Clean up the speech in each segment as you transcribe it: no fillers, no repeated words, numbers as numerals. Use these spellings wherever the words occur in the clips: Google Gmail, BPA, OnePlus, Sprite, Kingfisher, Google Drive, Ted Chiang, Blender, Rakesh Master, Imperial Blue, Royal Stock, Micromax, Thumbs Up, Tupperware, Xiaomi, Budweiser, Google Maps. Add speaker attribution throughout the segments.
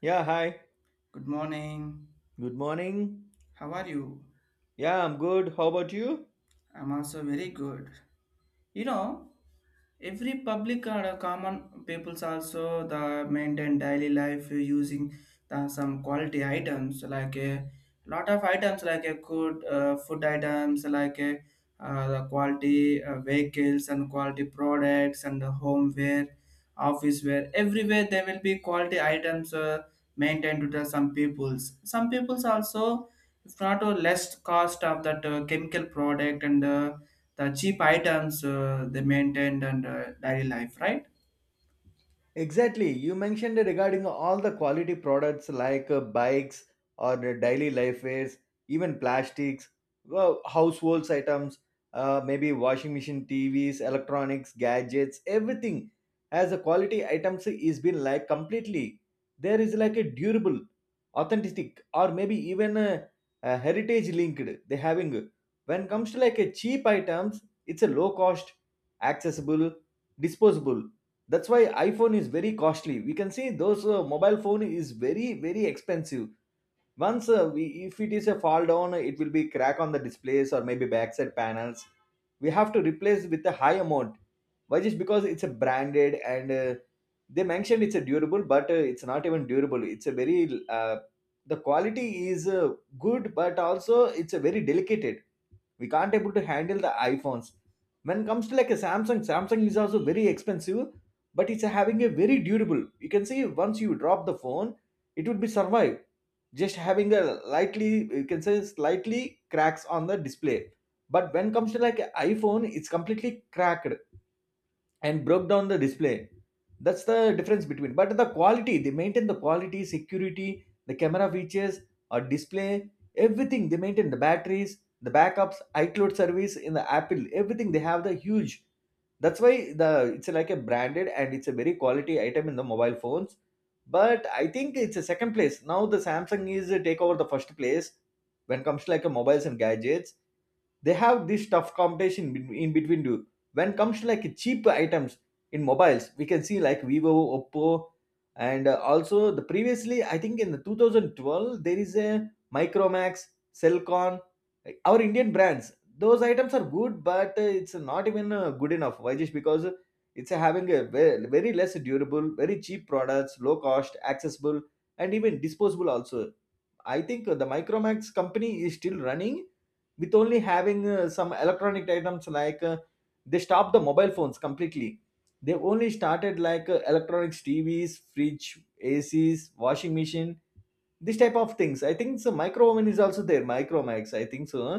Speaker 1: Yeah, hi.
Speaker 2: Good morning.
Speaker 1: Good morning.
Speaker 2: How are you?
Speaker 1: Yeah, I'm good. How about you?
Speaker 2: I'm also very good. You know, every public or common peoples also the maintain daily life using some quality items like a lot of items like a good food items like a the quality vehicles and quality products and the homeware office wear everywhere there will be quality items maintained to the some peoples also if not a less cost of that chemical product and the cheap items they maintained and daily life right.
Speaker 1: Exactly. You mentioned regarding all the quality products like bikes or the daily life wares, even plastics, well, households items, maybe washing machine, TVs, electronics, gadgets, everything as a quality items is been like completely. There is like a durable, authentic, or maybe even a heritage linked. They having when comes to like a cheap items, it's a low cost, accessible, disposable. That's why iPhone is very costly. We can see those mobile phone is very expensive. Once if it is a fall down, it will be crack on the displays or maybe backside panels. We have to replace with a high amount. Why? Just because it's a branded, and they mentioned it's a durable, but it's not even durable. It's a very the quality is good, but also it's a very delicate. We can't able to handle the iPhones. When it comes to like a Samsung, Samsung is also very expensive, but it's having a very durable. You can see once you drop the phone, it would be survive, just having a lightly, you can say slightly cracks on the display. But when it comes to like a iPhone, it's completely cracked and broke down the display. That's the difference between, but the quality they maintain, the quality security, the camera features or display, everything they maintain, the batteries, the backups, iCloud service in the Apple, everything they have the huge. That's why the it's like a branded, and it's a very quality item in the mobile phones. But I think it's a second place now. The Samsung is take over the first place when it comes to like a mobiles and gadgets. They have this tough competition in between two. When comes to like cheap items in mobiles, we can see like Vivo, Oppo, and also the previously I think in the 2012 there is a Micromax, Cellcon, like, our Indian brands. Those items are good, but it's not even good enough. Why? Just because it's having a very, very less durable, very cheap products, low cost, accessible, and even disposable also. I think the Micromax company is still running with only having some electronic items like they stopped the mobile phones completely. They only started like electronics, TVs, fridge, ACs, washing machine, this type of things. I think so. Micro oven is also there. Micromax, I think so. Huh?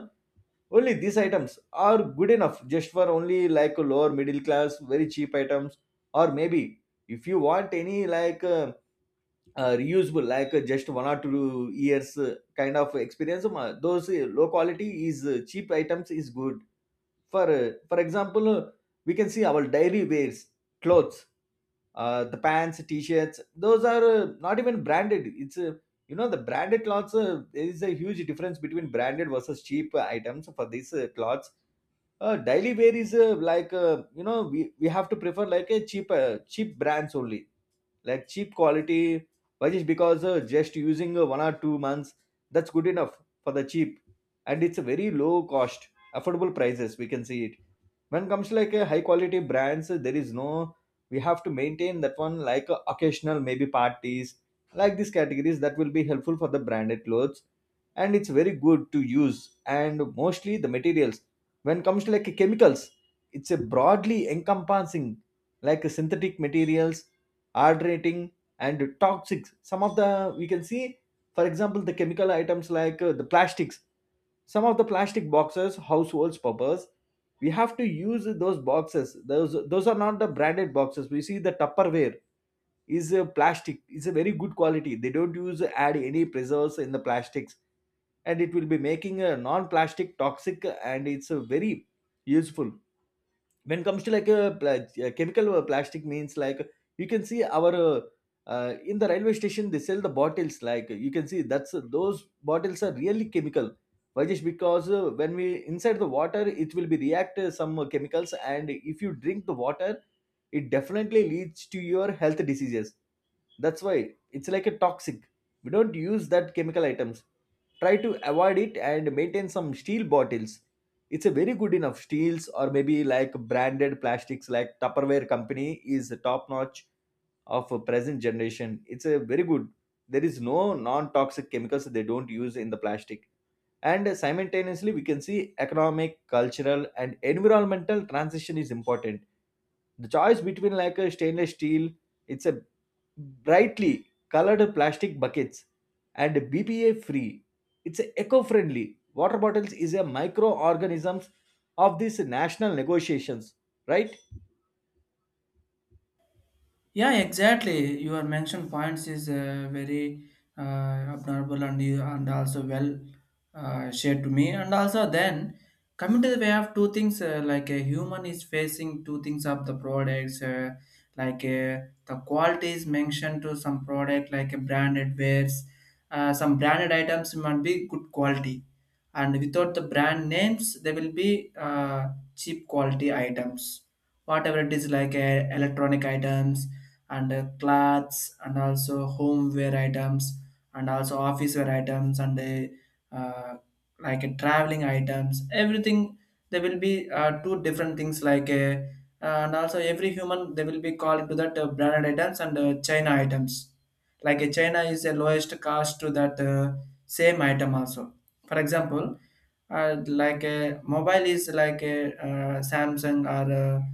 Speaker 1: Only these items are good enough just for only like lower middle class, very cheap items, or maybe if you want any like. Reusable like just 1 or 2 years kind of experience those low quality is cheap items is good for example, we can see our daily wears, clothes, the pants, t-shirts, those are not even branded. It's uh, the branded clothes there is a huge difference between branded versus cheap items for these clothes. Daily wear is like we have to prefer like a cheap cheap brands only, like cheap quality. Why? Just because just using 1 or 2 months, that's good enough for the cheap, and it's a very low cost, affordable prices, we can see it. When comes to like a high quality brands, there is no we have to maintain that one like occasional maybe parties, like these categories that will be helpful for the branded clothes, and it's very good to use. And mostly the materials when comes to like chemicals, it's a broadly encompassing like synthetic materials, hydrating and toxic, some of the we can see. For example, the chemical items like the plastics, some of the plastic boxes households purpose, we have to use those boxes. Those are not the branded boxes. We see the Tupperware is a plastic, is a very good quality. They don't use add any preserves in the plastics, and it will be making a non-plastic toxic, and it's a very useful. When it comes to like a chemical plastic means like, you can see our in the railway station they sell the bottles. Like you can see that's those bottles are really chemical. Why? Just because when we inside the water, it will be react some chemicals, and if you drink the water, it definitely leads to your health diseases. That's why it's like a toxic. We don't use that chemical items. Try to avoid it, and maintain some steel bottles. It's a very good enough steels, or maybe like branded plastics like Tupperware company is the top notch of a present generation. It's a very good. There is no non-toxic chemicals they don't use in the plastic. And simultaneously, we can see economic, cultural and environmental transition is important. The choice between like a stainless steel, it's a brightly colored plastic buckets and BPA free. It's eco-friendly. Water bottles is a microorganisms of these national negotiations, right?
Speaker 2: Yeah, exactly. Your mention points is very admirable and and also well shared to me. And also then coming to the way of two things like a human is facing two things of the products like uh, the quality is mentioned to some product like a branded wares. Some branded items might be good quality, and without the brand names, they will be cheap quality items. Whatever it is electronic items and clothes and also homeware items and also office wear items and traveling items everything there will be two different things and also every human they will be called to that branded items and china items china is the lowest cost to that same item also. For example, like a mobile is like a samsung or a,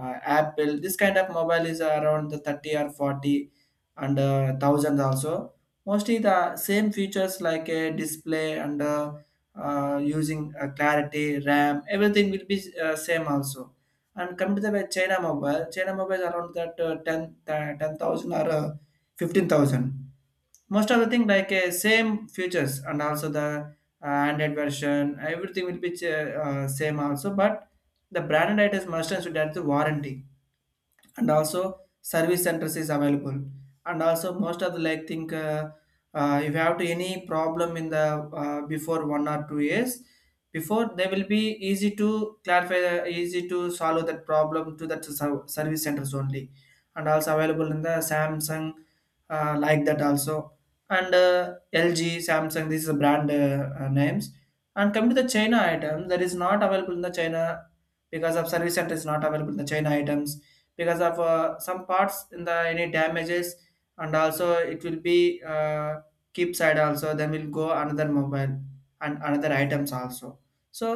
Speaker 2: apple, this kind of mobile is around the 30 or 40 and thousands also, mostly the same features like a display and using clarity ram everything will be same also. And come to the way china mobile, china mobile is around that 10 10,000 or 15,000. Most of the thing same features and also the android version everything will be same also. But the branded items must and should have the warranty and also service centers is available and also most of the like think if you have to any problem in the before 1 or 2 years before, they will be easy to clarify easy to solve that problem to that service centers only, and also available in the samsung like that also. And lg, samsung, this is a brand names. And coming to the china item, that is not available in the china because of service center is not available in the china items, because of some parts in the any damages, and also it will be keep side also, then will go another mobile and another items also. So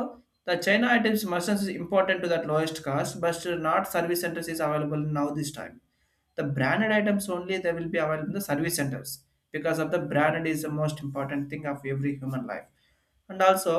Speaker 2: the china items merchants is important to that lowest cost, but still not service centers is available now this time. The branded items only, they will be available in the service centers, because of the branded is the most important thing of every human life. And also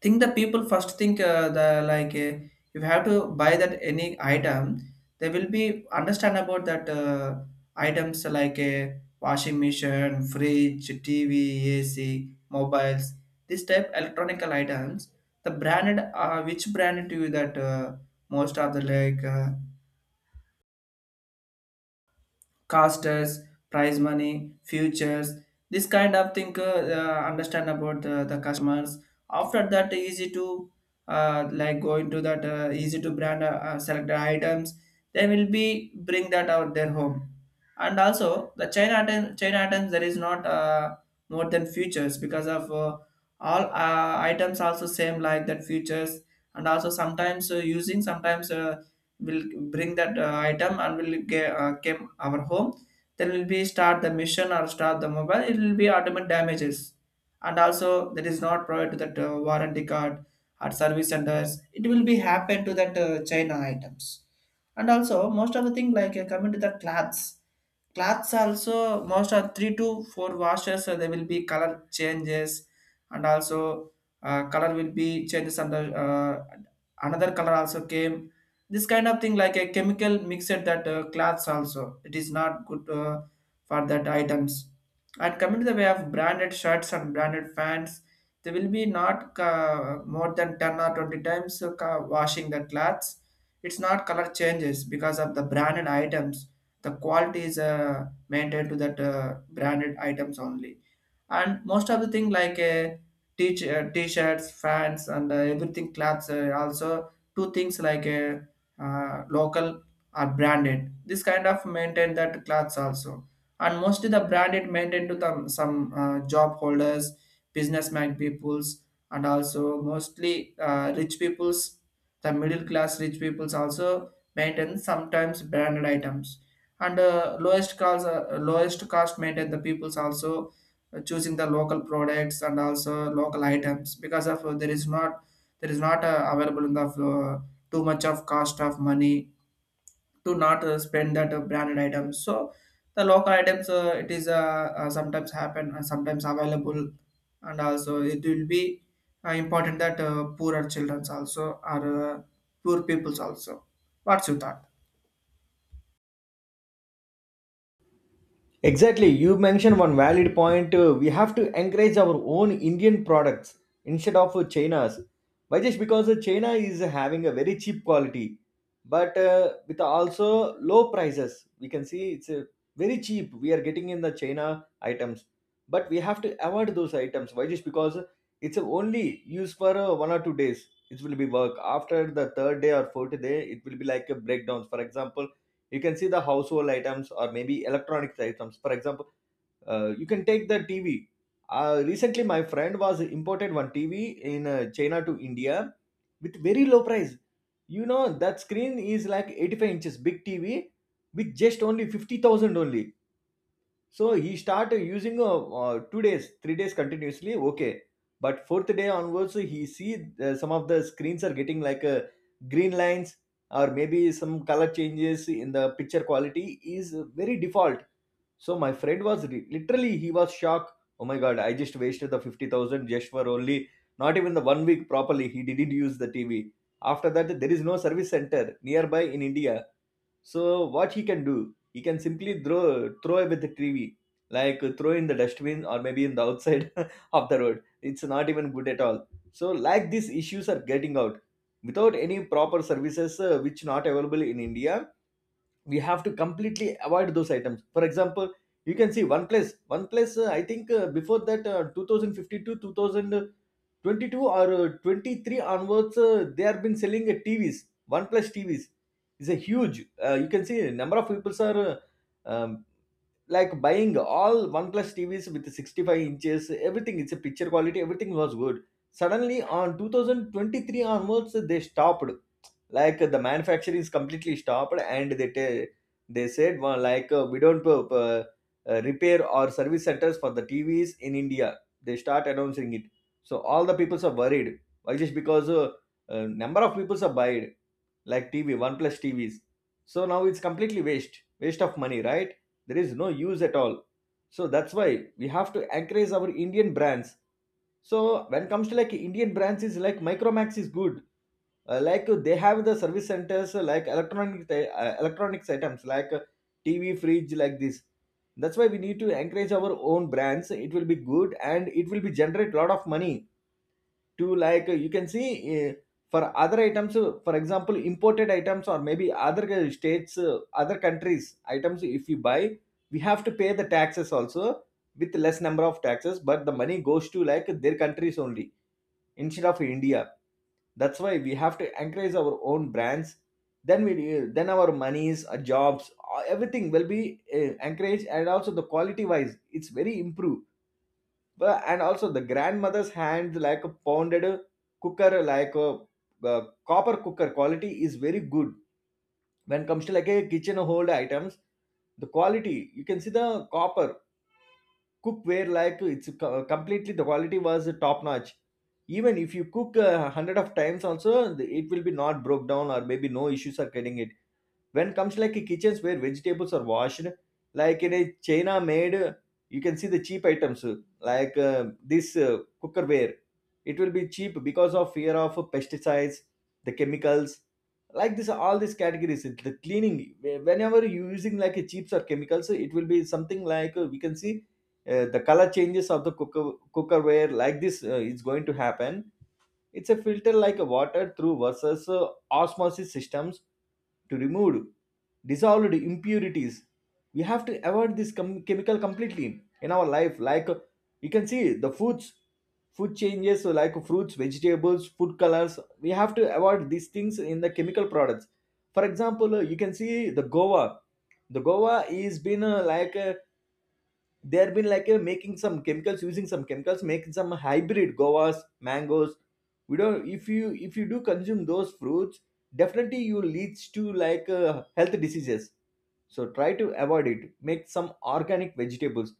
Speaker 2: think the people first think the like if you have to buy that any item, they will be understand about that items like a washing machine, fridge, tv, ac, mobiles, this type electronical items. The branded which brand do you that most of the like casters, prize money, futures, this kind of thing understand about the customers. After that, easy to like go into that easy to brand selected items. They will be bring that out their home. And also the chain item, chain items, there is not more than futures because of all items also same like that futures. And also sometimes using sometimes will bring that item and will get came our home, then will be start the mission or start the mobile, it will be automatic damages, and also that is not provided to that warranty card or service centers. It will be happen to that china items. And also most of the thing coming to the clothes, clothes also most of three to four washes there will be color changes, and also color will be changes under another color also came. This kind of thing like a chemical mixed that cloths also, it is not good for that items. And coming to the way of branded shirts and branded fans, they will be not more than 10 or 20 times washing the cloths, it's not color changes because of the branded items. The quality is maintained to that branded items only. And most of the thing t-shirts, fans and everything clothes also two things local or branded. This kind of maintain that clothes also, and mostly the branded maintain to the some job holders, businessman peoples, and also mostly rich peoples. The middle class rich peoples also maintain sometimes branded items, and lowest cost maintain the peoples also choosing the local products and also local items because of there is not available in the too much of cost of money, to not spend that branded items. So the local items it is sometimes happen sometimes available, and also it will be important that poorer childrens also or poor peoples also. What's your thought?
Speaker 1: Exactly. You mentioned one valid point. We have to encourage our own Indian products instead of China's. Why? Just because China is having a very cheap quality, but with also low prices. We can see it's very cheap. We are getting in the China items, but we have to avoid those items. Why? Just because it's only used for 1 or 2 days. It will be work. After the third day or fourth day, it will be like a breakdown. For example, you can see the household items or maybe electronics items. For example, you can take the TV. Recently my friend was imported one TV in China to India with very low price. You know that screen is like 85 inches big TV with just only 50,000 only. So he started using 2 days, 3 days continuously. Okay, but fourth day onwards, he see some of the screens are getting like green lines or maybe some color changes in the picture quality is very default. So my friend was literally he was shocked. Oh my god, I just wasted the 50,000 just for only not even the 1 week properly. He didn't use the TV. After that, there is no service center nearby in India, so what he can do, he can simply throw away the TV, like throw in the dustbin or maybe in the outside of the road. It's not even good at all. So like these issues are getting out without any proper services which not available in India. We have to completely avoid those items. For example, you can see one place. I think before that, 2050 to 2000. 22 or 23 onwards, they have been selling TVs, one plus TVs is a huge you can see number of people are um, like buying all OnePlus TVs with 65 inches, everything, it's a picture quality, everything was good. Suddenly, on 2023 onwards, they stopped. Like the manufacturing is completely stopped, and they said well, like we don't repair or service centers for the TVs in India. They start announcing it, so all the peoples are worried. Why just because number of peoples are buying like TV, OnePlus TVs. So now it's completely waste, waste of money, right? There is no use at all, so that's why we have to encourage our Indian brands. So when it comes to like Indian brands, is like Micromax is good. They have the service centers, like electronics items like TV, fridge, like this. That's why we need to encourage our own brands. It will be good and it will be generate a lot of money. To, you can see, uh, for other items, for example, imported items, or maybe other states, other countries items, if you buy, we have to pay the taxes also, with less number of taxes, but the money goes to like their countries only instead of India. That's why we have to encourage our own brands. Then we, then our monies, our jobs, everything will be encouraged, and also the quality wise it's very improved. But, and also the grandmother's hand like a pounded cooker like a, uh copper cooker quality is very good. When comes to like a kitchen hold items, the quality you can see, the copper cookware, like completely the quality was top notch. Even if you cook a hundred of times also, the- it will be not broke down or maybe no issues are getting it. When comes like a kitchens where vegetables are washed, like in a china made, you can see the cheap items, like this cookerware, it will be cheap because of fear of pesticides, the chemicals. Like this, all these categories, the cleaning, whenever you using like a chips or chemicals, it will be something like, we can see the color changes of the cooker cookerware like this is going to happen. It's a filter like a water through versus, osmosis systems, to remove dissolved impurities. We have to avoid this chemical completely in our life. Like, you can see the foods, food changes. So like fruits, vegetables, food colors, we have to avoid these things in the chemical products. For example, you can see the Goa. The Goa is been, like a they have been like, making some chemicals, using some chemicals, making some hybrid guavas, mangoes. We don't, if you do consume those fruits, definitely you leads to like, health diseases. So try to avoid it. Make some organic vegetables.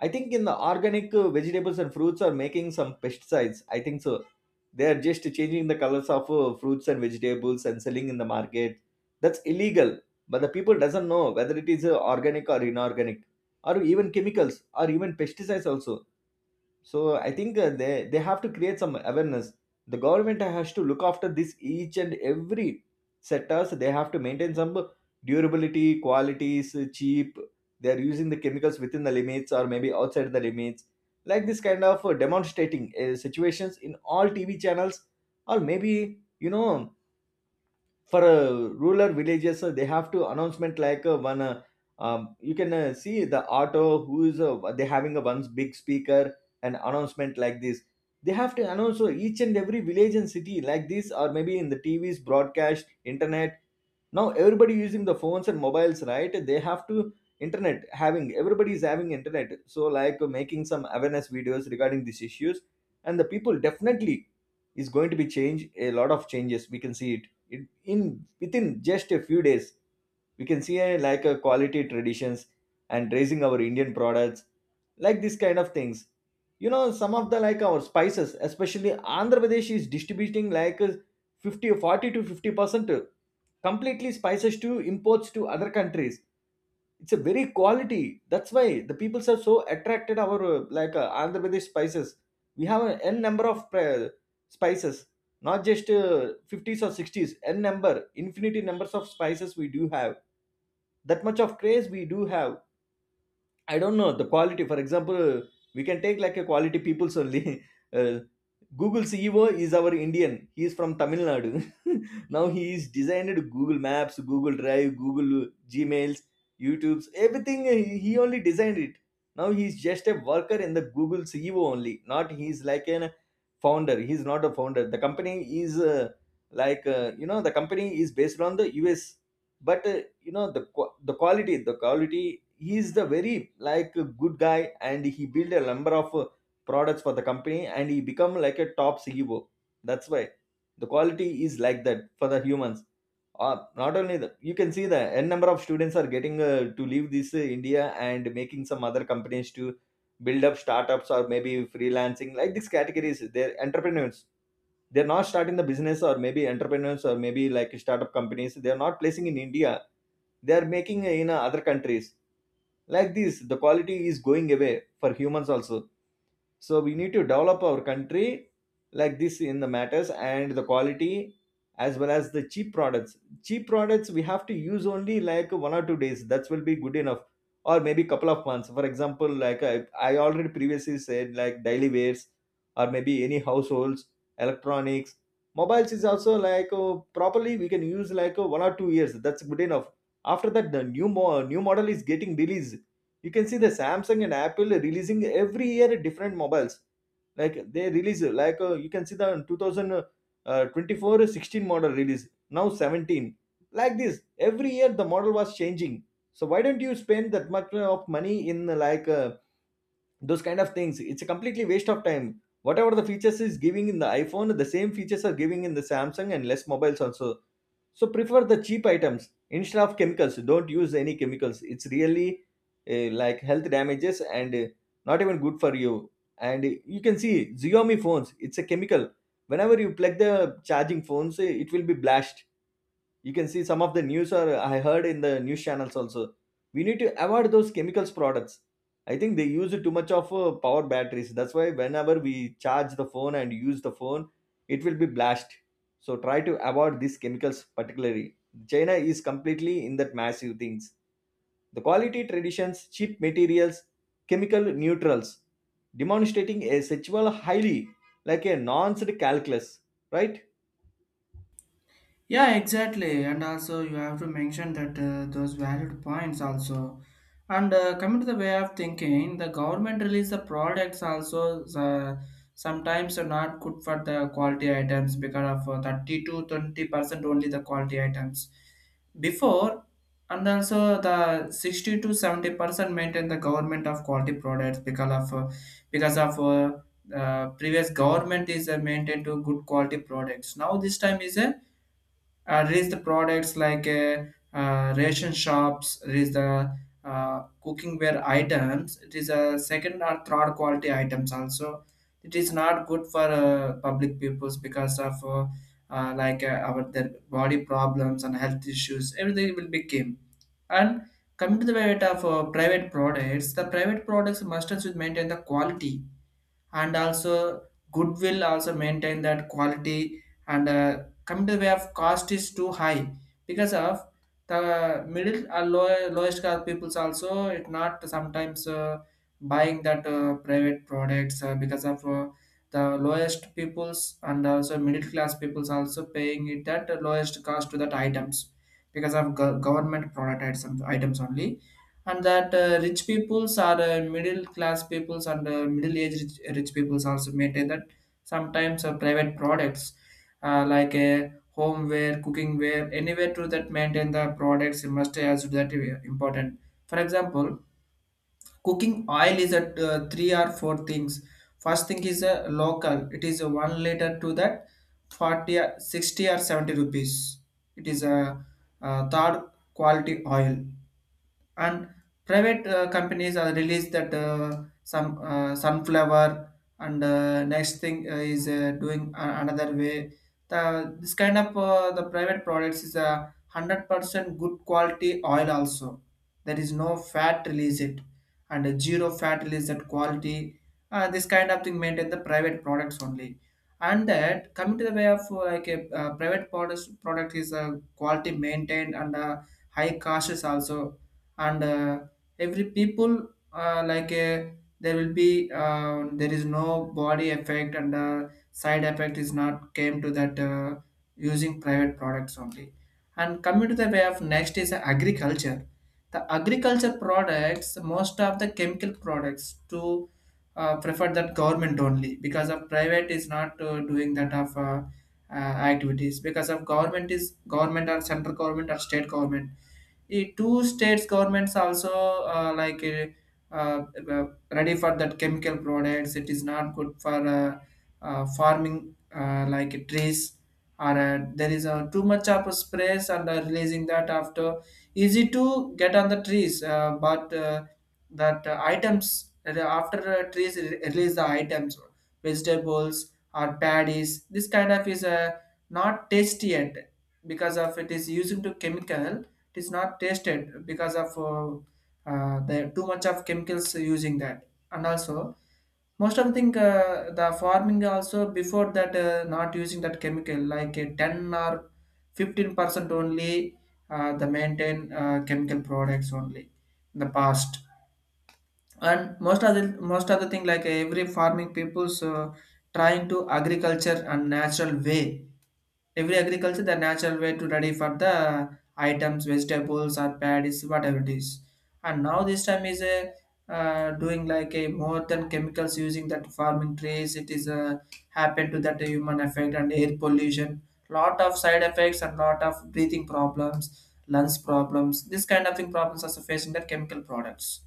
Speaker 1: I think in the organic, vegetables and fruits are making some pesticides, I think so. They are just changing the colors of, fruits and vegetables and selling in the market. That's illegal. But the people doesn't know whether it is, organic or inorganic, or even chemicals or even pesticides also. So I think, uh, they have to create some awareness. The government has to look after this each and every sectors. They have to maintain some durability, qualities, cheap. They are using the chemicals within the limits or maybe outside the limits. Like this kind of demonstrating situations in all TV channels, or maybe you know. For, rural villages, they have to announcement like, one you can see the auto who is, they having a one big speaker and announcement like this. They have to announce, each and every village and city like this, or maybe in the TVs, broadcast, internet. Now everybody using the phones and mobiles, right? They have to, internet having, everybody is having internet, so like making some awareness videos regarding these issues, and the people definitely is going to be change. A lot of changes we can see it in within just a few days. We can see a, like a quality traditions, and raising our Indian products, like this kind of things. You know, some of the like our spices, especially Andhra Pradesh is distributing like 50 40 to 50% completely spices to imports to other countries. It's a very quality. That's why the peoples are so attracted our, Andhra Pradesh spices. We have a N number of, uh, spices. Not just, 50s or 60s, N number, infinity numbers of spices we do have. That much of craze we do have. I don't know the quality. For example, we can take like a quality people's only. Uh, Google CEO is our Indian. He is from Tamil Nadu. Now he is designed Google Maps, Google Drive, Google Gmails, YouTube's everything. He only designed it. Now he is just a worker in the Google CEO only. Not he is like an founder. He is not a founder. The company is, you know, the company is based on the US, but you know the quality he is the very like a good guy, and he build a number of, products for the company, and he become like a top CEO. That's why the quality is like that for the humans. Not only that, you can see the N number of students are getting, to leave this, India, and making some other companies to build up startups or maybe freelancing, like these categories they're entrepreneurs. They're not starting the business or maybe entrepreneurs or maybe like startup companies. They're not placing in India. They're making in, other countries. Like this, the quality is going away for humans also. So we need to develop our country like this in the matters and the quality, as well as the cheap products. Cheap products we have to use only like 1 or 2 days. That will be good enough, or maybe couple of months. For example, like I already previously said, like daily wears, or maybe any households, electronics, mobiles is also like, properly we can use like, 1 or 2 years. That's good enough. After that the new model is getting released. You can see the Samsung and Apple releasing every year different mobiles. Like they release like, you can see the 2000 24 16 model release now 17. Like this, every year the model was changing. So why don't you spend that much, of money in like, those kind of things? It's a completely waste of time. Whatever the features is giving in the iPhone, the same features are giving in the Samsung and less mobiles also. So prefer the cheap items instead of chemicals. Don't use any chemicals. It's really, like health damages, and not even good for you. And you can see Xiaomi phones. It's a chemical. Whenever you plug the charging phones, eh, it will be blast. You can see some of the news, or I heard in the news channels also. We need to avoid those chemicals products. I think they use too much of, power batteries. That's why whenever we charge the phone and use the phone, it will be blast. So try to avoid these chemicals particularly. China is completely in that massive things. The quality traditions, cheap materials, chemical neutrals, demonstrating a sexual highly, like a nonce calculus. Right.
Speaker 2: Yeah, exactly. And also, you have to mention that those valid points also. And coming to the way of thinking, the government release the products also sometimes are not good for the quality items because of 30 to 20% only the quality items before, and also the 60 to 70% maintain the government of quality products because of previous government is maintained to good quality products. Now this time is a there is the products ration shops, there is the uh, cookingware items, it is a second or third quality items also, it is not good for public peoples because of our their body problems and health issues everything will become. And coming to the way of private products, the private products must also maintain the quality, and also goodwill also maintain that quality. And come to the way of cost is too high because of the middle or low, lowest class peoples also it not sometimes buying that private products because of the lowest peoples and also middle class peoples also paying it at lowest cost to that items because of government product items items only. And that rich peoples or middle class peoples and middle aged rich, rich peoples also maintain that sometimes private products homeware, cooking ware, anywhere to that maintain the products you must as that important. For example, cooking oil is at three or four things. First thing is a local, it is a 1 liter to that 40 or 60 or 70 rupees, it is a, third quality oil. And private companies are released that some sunflower, and next thing another way the, this kind of the private products is a 100% good quality oil also. There is no fat release it, and a zero fat release that quality. This kind of thing maintain the private products only. And that coming to the way of like a private products, product is quality maintained and high costs also. And every people there will be there is no body effect and side effect is not came to that using private products only. And coming to the way of next is agriculture. The agriculture products most of the chemical products to prefer that government only because of private is not doing that of activities because of government is government or central government or state government, the two states governments also uh, like uh, uh, ready for that chemical products, it is not good for farming like trees or there is too much of a sprays and releasing that after easy to get on the trees but that items that after trees release the items, vegetables or paddies, this kind of is not tasty yet because of it is using to chemical, it is not tasted because of the too much of chemicals using that. And also most of the thing the farming also before that not using that chemical like 10 or 15% only the maintain chemical products only in the past. And most of the thing like every farming people's trying to agriculture and natural way. Every agriculture the natural way to ready for the items, vegetables or paddies, whatever it is. And now this time is a doing like a more than chemicals using that farming trees, it is happened to that human effect and air pollution. Lot of side effects and lot of breathing problems, lungs problems, this kind of thing problems are facing that chemical products.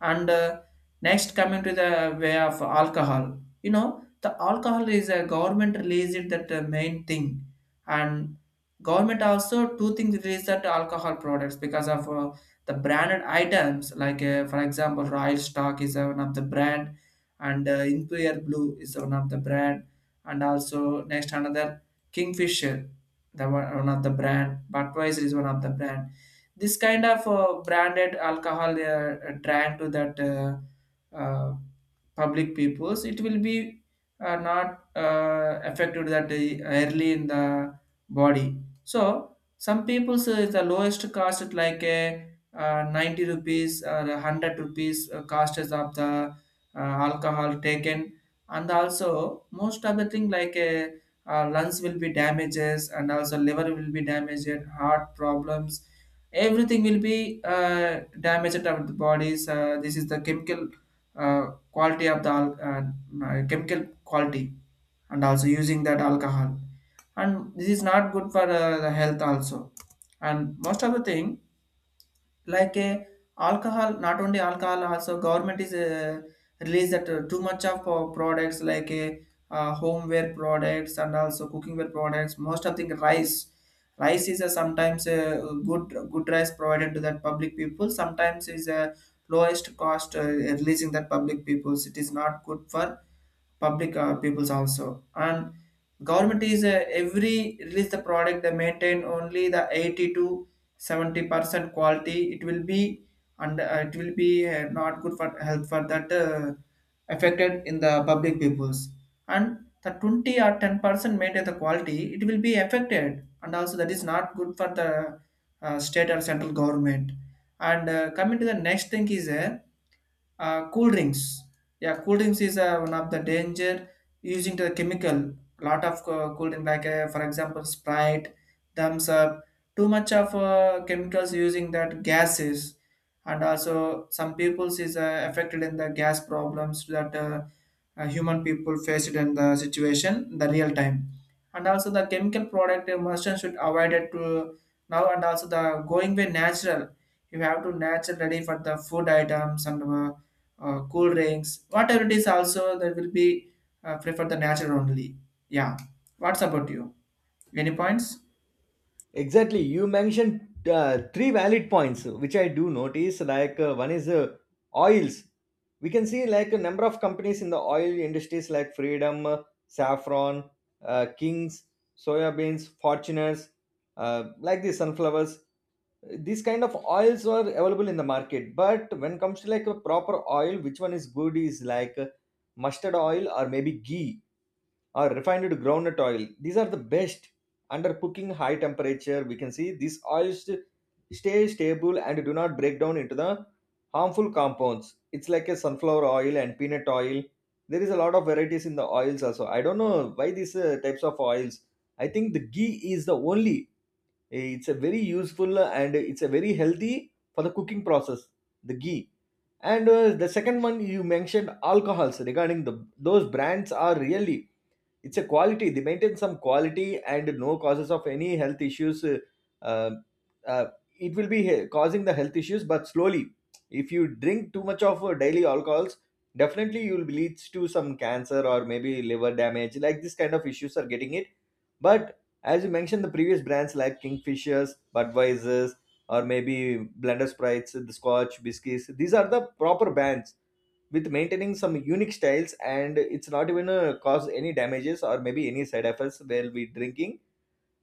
Speaker 2: And Next, coming to the way of alcohol, you know the alcohol is a government released that main thing. And government also two things release that alcohol products because of the branded items like, for example, Royal Stock is one of the brand. And Imperial Blue is one of the brand. And also next, another, Kingfisher, the one of the brand, Budweiser is one of the brand. This kind of branded alcohol, they are trying to that uh, public peoples, it will be not affected that early in the body. So some people say the lowest cost is like a 90 rupees or 100 rupees cost is of the uh, alcohol taken. And also most of the thing like a lungs will be damages and also liver will be damaged, heart problems, everything will be damaged of the bodies. This is the chemical quality of the chemical quality. And also using that alcohol, and this is not good for the health also. And most of the thing, like a, alcohol, not only alcohol, also government is released that too much of products like a homeware products and also cookingware products. Most of the rice, rice is a sometimes a good rice provided to that public people, sometimes is a lowest cost releasing that public peoples, it is not good for public peoples also. And government is every release the product, they maintain only the 82 70% quality, it will be. And it will be not good for health, for that affected in the public peoples. And the 20 or 10% maintain the quality, it will be affected and also that is not good for the state or central government. And Coming to the next thing is cool drinks. Yeah, cool drinks is one of the danger using the chemical. Lot of cool drink like, for example, Sprite, Thumbs Up, too much of chemicals using that gases. And also some peoples is affected in the gas problems that human people faced in the situation in the real time. And also the chemical product emulsion should avoid it to now, and also the going way natural, you have to natural ready for the food items and cool drinks, whatever it is, also that will be prefer the natural only. Yeah. What's about you? Any points?
Speaker 1: Exactly. You mentioned, three valid points, which I do notice. Like, one is, oils. We can see like a number of companies in the oil industries, like Freedom, Saffron, Kings, soya beans, Fortuners, like the sunflowers. These kind of oils are available in the market. But when comes to like a proper oil, which one is good is like, mustard oil, or maybe ghee, or refined groundnut oil. These are the best. Under cooking high temperature, we can see these oils stay stable and do not break down into the harmful compounds. It's like a sunflower oil and peanut oil. There is a lot of varieties in the oils also. I don't know why these, types of oils. I think the ghee is the only, eh, it's a very useful, and it's a very healthy for the cooking process, the ghee. And the second one you mentioned, alcohols, regarding the, those brands are really, it's a quality. They maintain some quality and no causes of any health issues, uh, uh, it will be causing the health issues, but slowly. If you drink too much of, daily alcohols, definitely you will lead to some cancer or maybe liver damage. Like this kind of issues are getting it. But as you mentioned the previous brands like Kingfishers, Budweisers, or maybe Blender Sprites, the Scotch Biscuits, these are the proper brands, with maintaining some unique styles, and it's not even, cause any damages or maybe any side effects while will be drinking.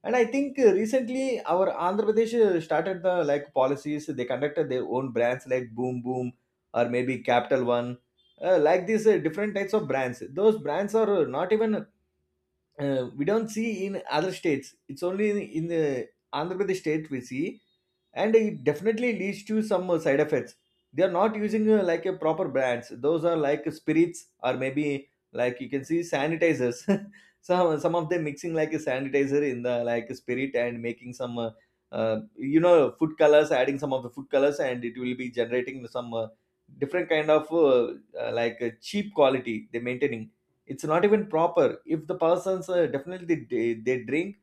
Speaker 1: And I think, recently our Andhra Pradesh, started the like policies. They conducted their own brands like Boom Boom, or maybe Capital One, like these, different types of brands. Those brands are, not even, we don't see in other states. It's only in the Andhra Pradesh state we see. And it definitely leads to some, side effects. They are not using, like a proper brands. Those are like spirits, or maybe like you can see sanitizers. Some of them mixing like a sanitizer in the like a spirit, and making some, you know, food colors, adding some of the food colors, and it will be generating some, different kind of, cheap quality they're maintaining. It's not even proper. If the persons, definitely they drink,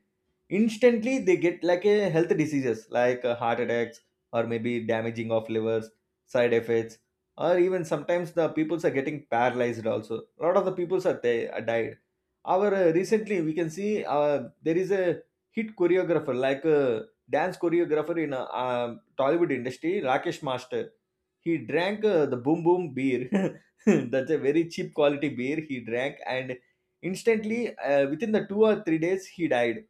Speaker 1: instantly they get like a health diseases like, heart attacks, or maybe damaging of livers, side effects, or even sometimes the peoples are getting paralyzed also. A lot of the peoples are, they are died. Our, recently we can see, there is a hit choreographer, like a dance choreographer in, Tollywood industry, Rakesh Master. He drank, the Boom Boom beer. That's a very cheap quality beer he drank, and instantly, within the 2 or 3 days he died,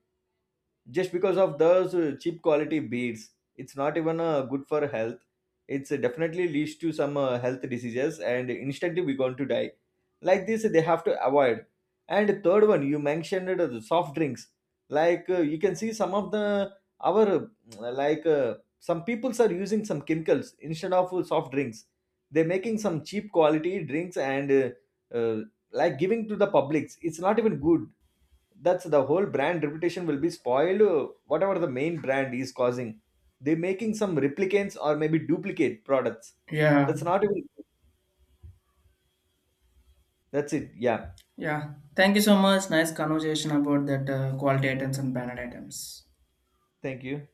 Speaker 1: just because of those, cheap quality beads. It's not even, good for health. It's, definitely leads to some, health diseases, and instantly we're going to die. Like this, they have to avoid. And third one you mentioned, the soft drinks. Like, you can see some of the our, some peoples are using some chemicals instead of, soft drinks. They're making some cheap quality drinks, and uh, like giving to the publics. It's not even good. That's the whole brand reputation will be spoiled, whatever the main brand is causing. They're making some replicants or maybe duplicate products.
Speaker 2: Yeah.
Speaker 1: That's not even, that's it, yeah.
Speaker 2: Yeah, thank you so much. Nice conversation about that quality items and banner items.
Speaker 1: Thank you.